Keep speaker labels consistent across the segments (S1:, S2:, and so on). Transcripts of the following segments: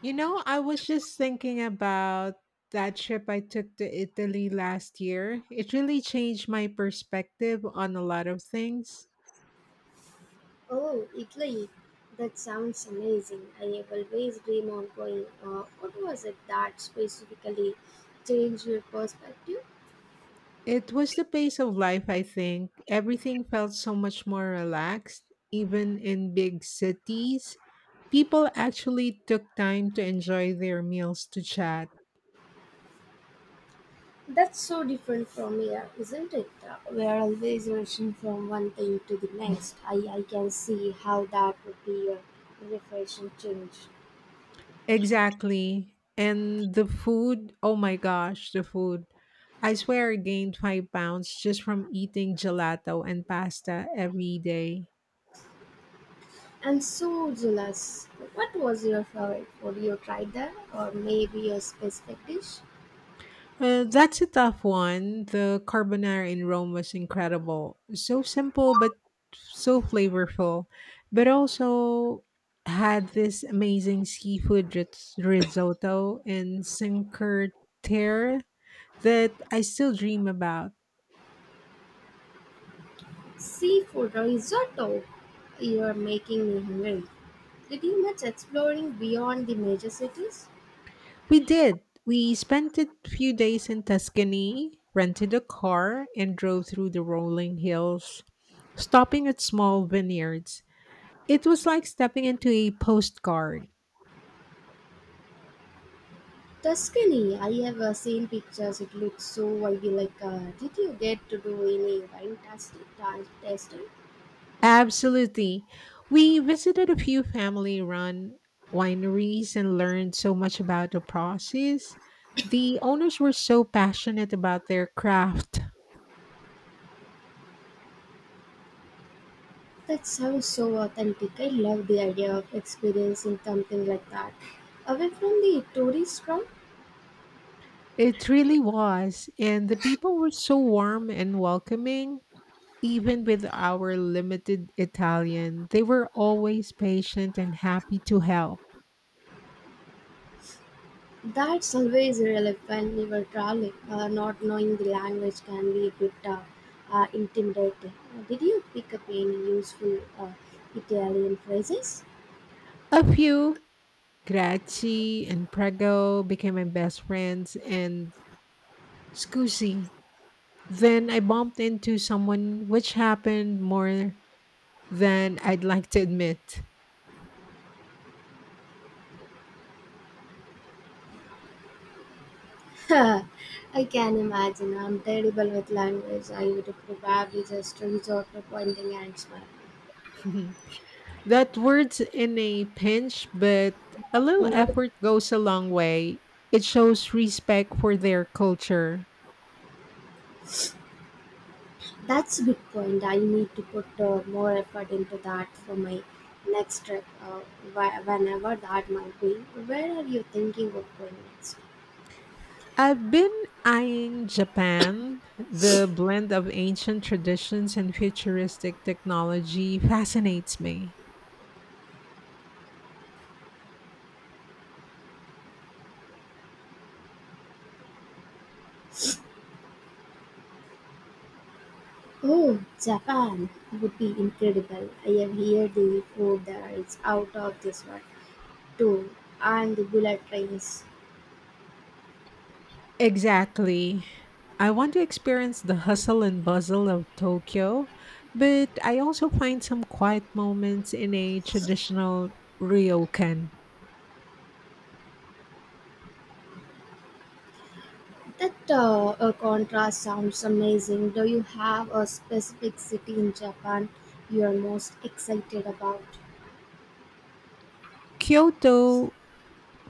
S1: You know, I was just thinking about that trip I took to Italy last year. It really changed my perspective on a lot of things.
S2: Oh, Italy. That sounds amazing. I have always dream of going. What was it that specifically changed your perspective?
S1: It was the pace of life, I think. Everything felt so much more relaxed, even in big cities. People actually took time to enjoy their meals to chat.
S2: That's so different from here, isn't it? We are always rushing from one thing to the next. I can see how that would be a refreshing change.
S1: Exactly. And the food, oh my gosh, the food. I swear I gained 5 pounds just from eating gelato and pasta every day.
S2: I'm so jealous. What was your favorite food you tried there? Or maybe a specific dish?
S1: That's a tough one. The carbonara in Rome was incredible. So simple, but so flavorful. But also had this amazing seafood risotto in Cinque Terre that I still dream about.
S2: Seafood risotto. You are making me hungry. Pretty much exploring beyond the major cities.
S1: We did. We spent a few days in Tuscany, rented a car, and drove through the rolling hills, stopping at small vineyards. It was like stepping into a postcard.
S2: Tuscany, I have seen pictures. It looks so ivy like. Did you get to do any wine tasting?
S1: Absolutely. We visited a few family run wineries and learned so much about the process. The owners were so passionate about their craft.
S2: That sounds so authentic. I love the idea of experiencing something like that. Away from the tourist crowd,
S1: It really was. And the people were so warm and welcoming. Even with our limited Italian, they were always patient and happy to help.
S2: that's always relevant when you are traveling. Not knowing the language can be a bit intimidating. Did you pick up any useful Italian phrases?
S1: A few, Grazie and Prego, became my best friends, and Scusi. Then I bumped into someone, which happened more than I'd like to admit.
S2: I can imagine. I'm terrible with language. I would probably just resort to pointing and smile.
S1: That word's in a pinch, but a little effort goes a long way. It shows respect for their culture.
S2: That's a good point. I need to put more effort into that for my next trip, whenever that might be. Where are you thinking of going next?
S1: I've been eyeing Japan. The blend of ancient traditions and futuristic technology fascinates me.
S2: Oh, Japan would be incredible. I have heard the food there is out of this world too, and the bullet trains.
S1: Exactly. I want to experience the hustle and bustle of Tokyo, but I also find some quiet moments in a traditional ryokan.
S2: That contrast sounds amazing. Do you have a specific city in Japan you are most excited about?
S1: Kyoto,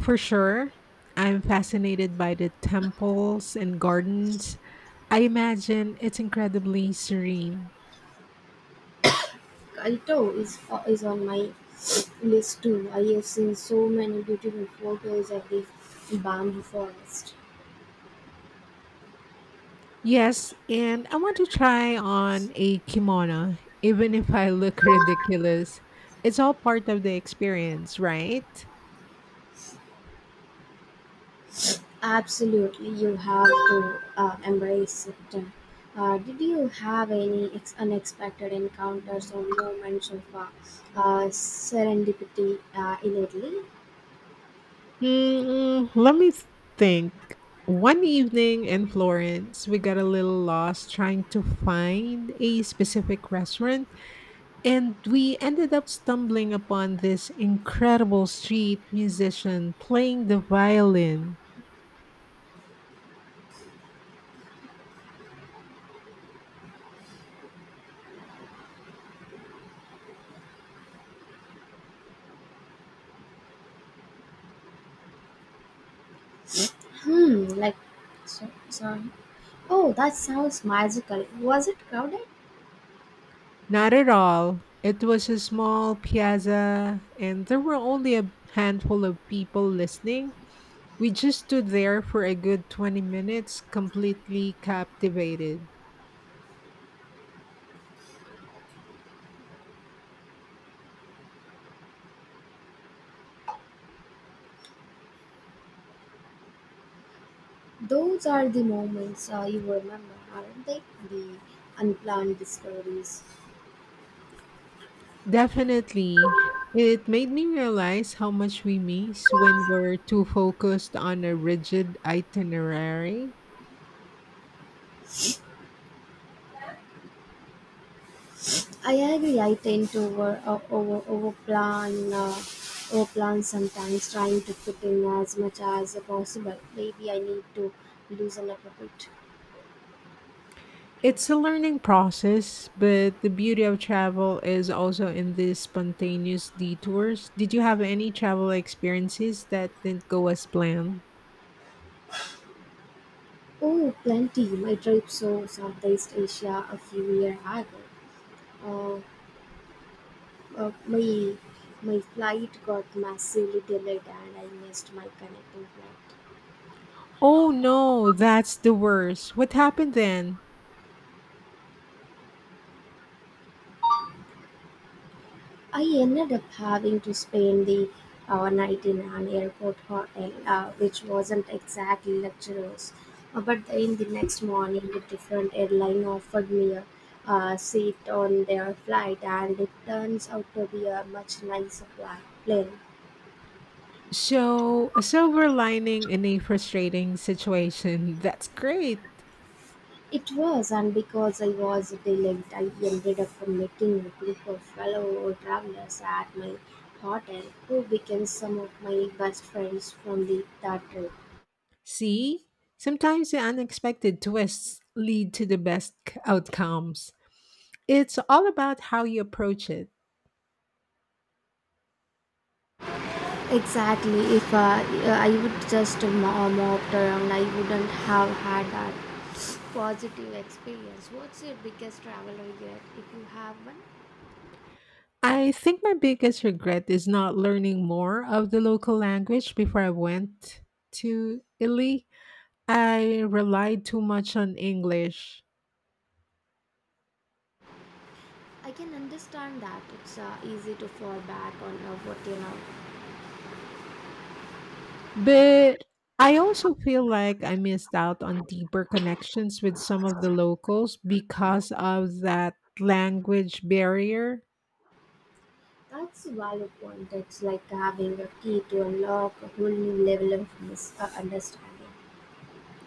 S1: for sure. I'm fascinated by the temples and gardens. I imagine it's incredibly serene.
S2: Kyoto is on my list too. I have seen so many beautiful photos of the bamboo forest.
S1: Yes, and I want to try on a kimono, even if I look ridiculous. It's all part of the experience, right?
S2: Absolutely, you have to embrace it. Did you have any unexpected encounters or moments of serendipity in Italy?
S1: Let me think. One evening in Florence, we got a little lost trying to find a specific restaurant and we ended up stumbling upon this incredible street musician playing the violin.
S2: Hmm, like, sorry. Oh, that sounds magical. Was it crowded?
S1: Not at all. It was a small piazza, and there were only a handful of people listening. We just stood there for a good 20 minutes, completely captivated.
S2: Those are the moments you remember, aren't they? The unplanned discoveries.
S1: Definitely. It made me realize how much we miss when we're too focused on a rigid itinerary.
S2: I agree. I tend to overplan overplan sometimes, trying to fit in as much as possible. Maybe I need to loosen up a bit.
S1: It's a learning process, but the beauty of travel is also in the spontaneous detours. Did you have any travel experiences that didn't go as planned?
S2: Oh, plenty. My trip to Southeast Asia a few years ago. Uh, Uh, my my flight got massively delayed and I missed my connecting flight.
S1: Oh no, that's the worst. What happened then?
S2: I ended up having to spend the night in an airport hotel, which wasn't exactly luxurious. But in the next morning, a different airline offered me a seat on their flight, and it turns out to be a much nicer plane.
S1: So, a silver lining in a frustrating situation. That's great.
S2: It was, and because I was delayed, I ended up meeting a group of fellow travelers at my hotel who became some of my best friends from the that trip.
S1: See, sometimes the unexpected twists lead to the best outcomes. It's all about how you approach it.
S2: Exactly, if I would just moped around, I wouldn't have had that positive experience. What's your biggest travel regret if you have one?
S1: I think my biggest regret is not learning more of the local language before I went to Italy. I relied too much on English.
S2: I can understand that it's easy to fall back on what you know.
S1: But I also feel like I missed out on deeper connections with some of the locals because of that language barrier.
S2: That's a valid point. It's like having a key to unlock a whole new level of understanding.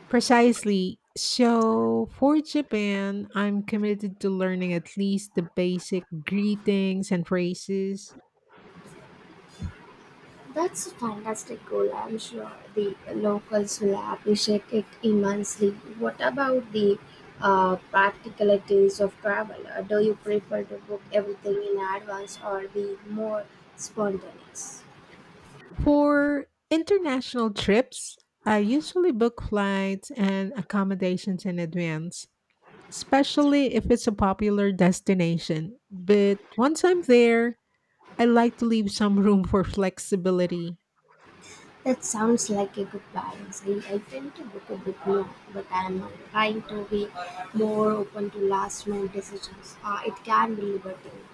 S1: Precisely. So, for Japan, I'm committed to learning at least the basic greetings and phrases.
S2: That's a fantastic goal. I'm sure the locals will appreciate it immensely. What about the practicalities of travel? Do you prefer to book everything in advance or be more spontaneous?
S1: For international trips, I usually book flights and accommodations in advance, especially if it's a popular destination. But once I'm there, I like to leave some room for flexibility.
S2: That sounds like a good balance. I tend to book a bit more, but I'm trying to be more open to last minute decisions. It can be liberating.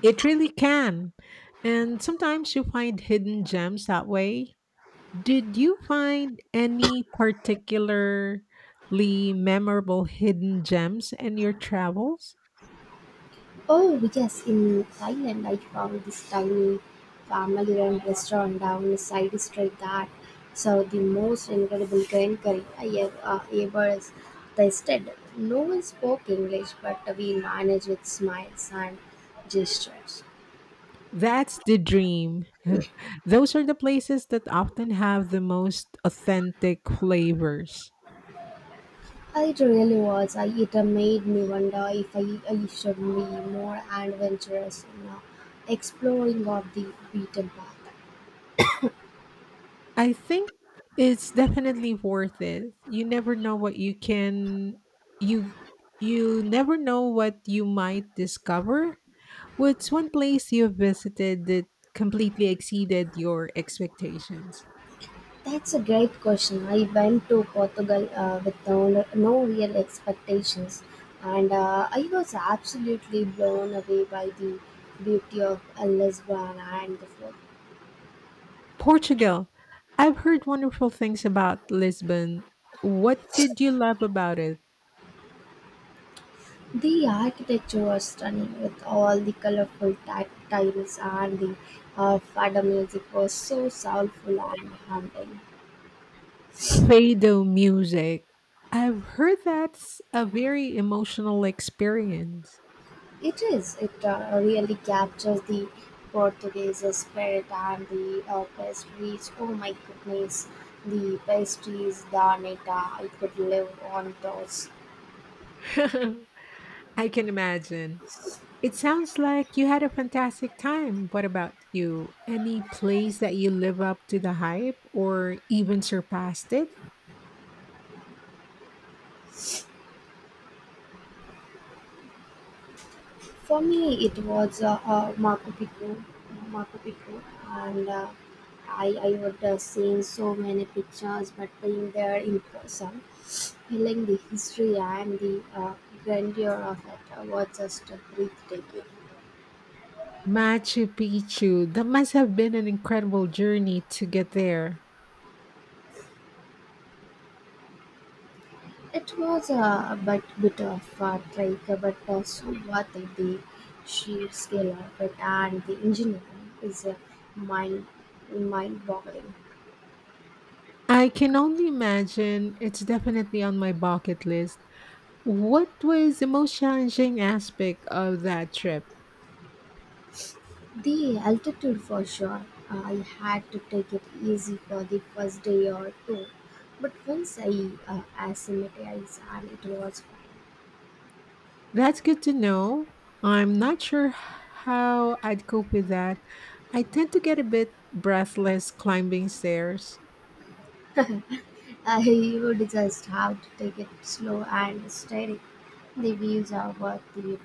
S1: It really can. And sometimes you find hidden gems that way. Did you find any particularly memorable hidden gems in your travels?
S2: Oh, yes, in Thailand, I found this tiny family run restaurant down a side street that served the most incredible green curry I ever tasted. No one spoke English, but we managed with smiles and gestures.
S1: That's the dream. Those are the places that often have the most authentic flavors.
S2: It really was. It made me wonder if I should be more adventurous in exploring of the beaten path.
S1: I think it's definitely worth it. You never know what you can you you never know what you might discover. What's one place you've visited that completely exceeded your expectations?
S2: That's a great question. I went to Portugal with no real expectations, and I was absolutely blown away by the beauty of Lisbon and the food.
S1: Portugal. I've heard wonderful things about Lisbon. What did you love about it?
S2: The architecture was stunning with all the colorful tiles, and the fado music was so soulful and haunting.
S1: Fado music. I've heard that's a very emotional experience.
S2: It is. It really captures the Portuguese spirit and the pastries. Oh my goodness, the pastries, the neta, I could live on those.
S1: I can imagine. It sounds like you had a fantastic time. What about you? Any place that you live up to the hype or even surpassed it?
S2: For me, it was Machu Picchu, and I would seen so many pictures, but being there in person, feeling the history and the grandeur of it was just breathtaking.
S1: Machu Picchu. That must have been an incredible journey to get there.
S2: It was a bit of a trek, but so worth it. The sheer scale of it and the engineering is mind mind boggling.
S1: I can only imagine it's definitely on my bucket list. What was the most challenging aspect of that trip?
S2: The altitude for sure. I had to take it easy for the first day or two, but once I acclimatized and it was fine.
S1: That's good to know. I'm not sure how I'd cope with that. I tend to get a bit breathless climbing stairs.
S2: I would just have to take it slow and steady. The views are worth the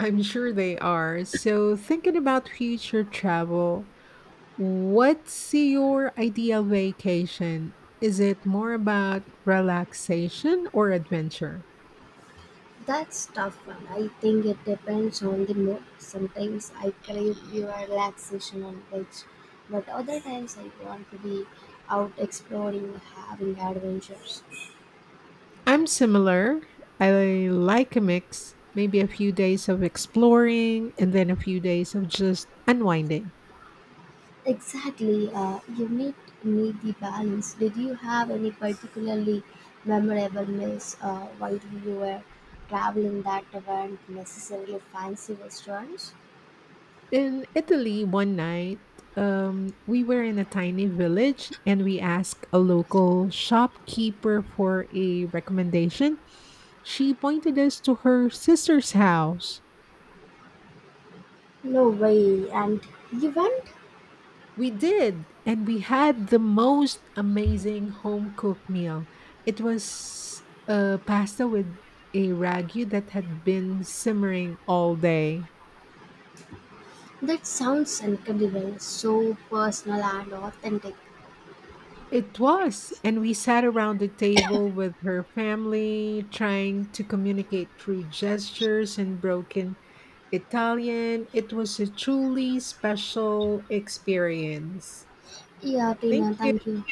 S1: I'm sure they are. So, thinking about future travel, what's your ideal vacation? Is it more about relaxation or adventure?
S2: That's tough one. I think it depends on the mood. Sometimes I crave pure relaxation on beach, but other times I want to be out exploring, having adventures.
S1: I'm similar. I like a mix, maybe a few days of exploring and then a few days of just unwinding.
S2: Exactly. You need the balance. Did you have any particularly memorable meals while you were traveling that weren't necessarily fancy restaurants?
S1: In Italy, one night, we were in a tiny village and we asked a local shopkeeper for a recommendation. She pointed us to her sister's house.
S2: No way. And you went?
S1: We did, and we had the most amazing home cooked meal. It was a pasta with a ragu that had been simmering all day.
S2: That sounds incredible, so personal and authentic.
S1: It was, and we sat around the table with her family, trying to communicate through gestures and broken Italian. It was a truly special experience.
S2: Yeah,
S1: Thank
S2: Tina,
S1: you.
S2: thank you.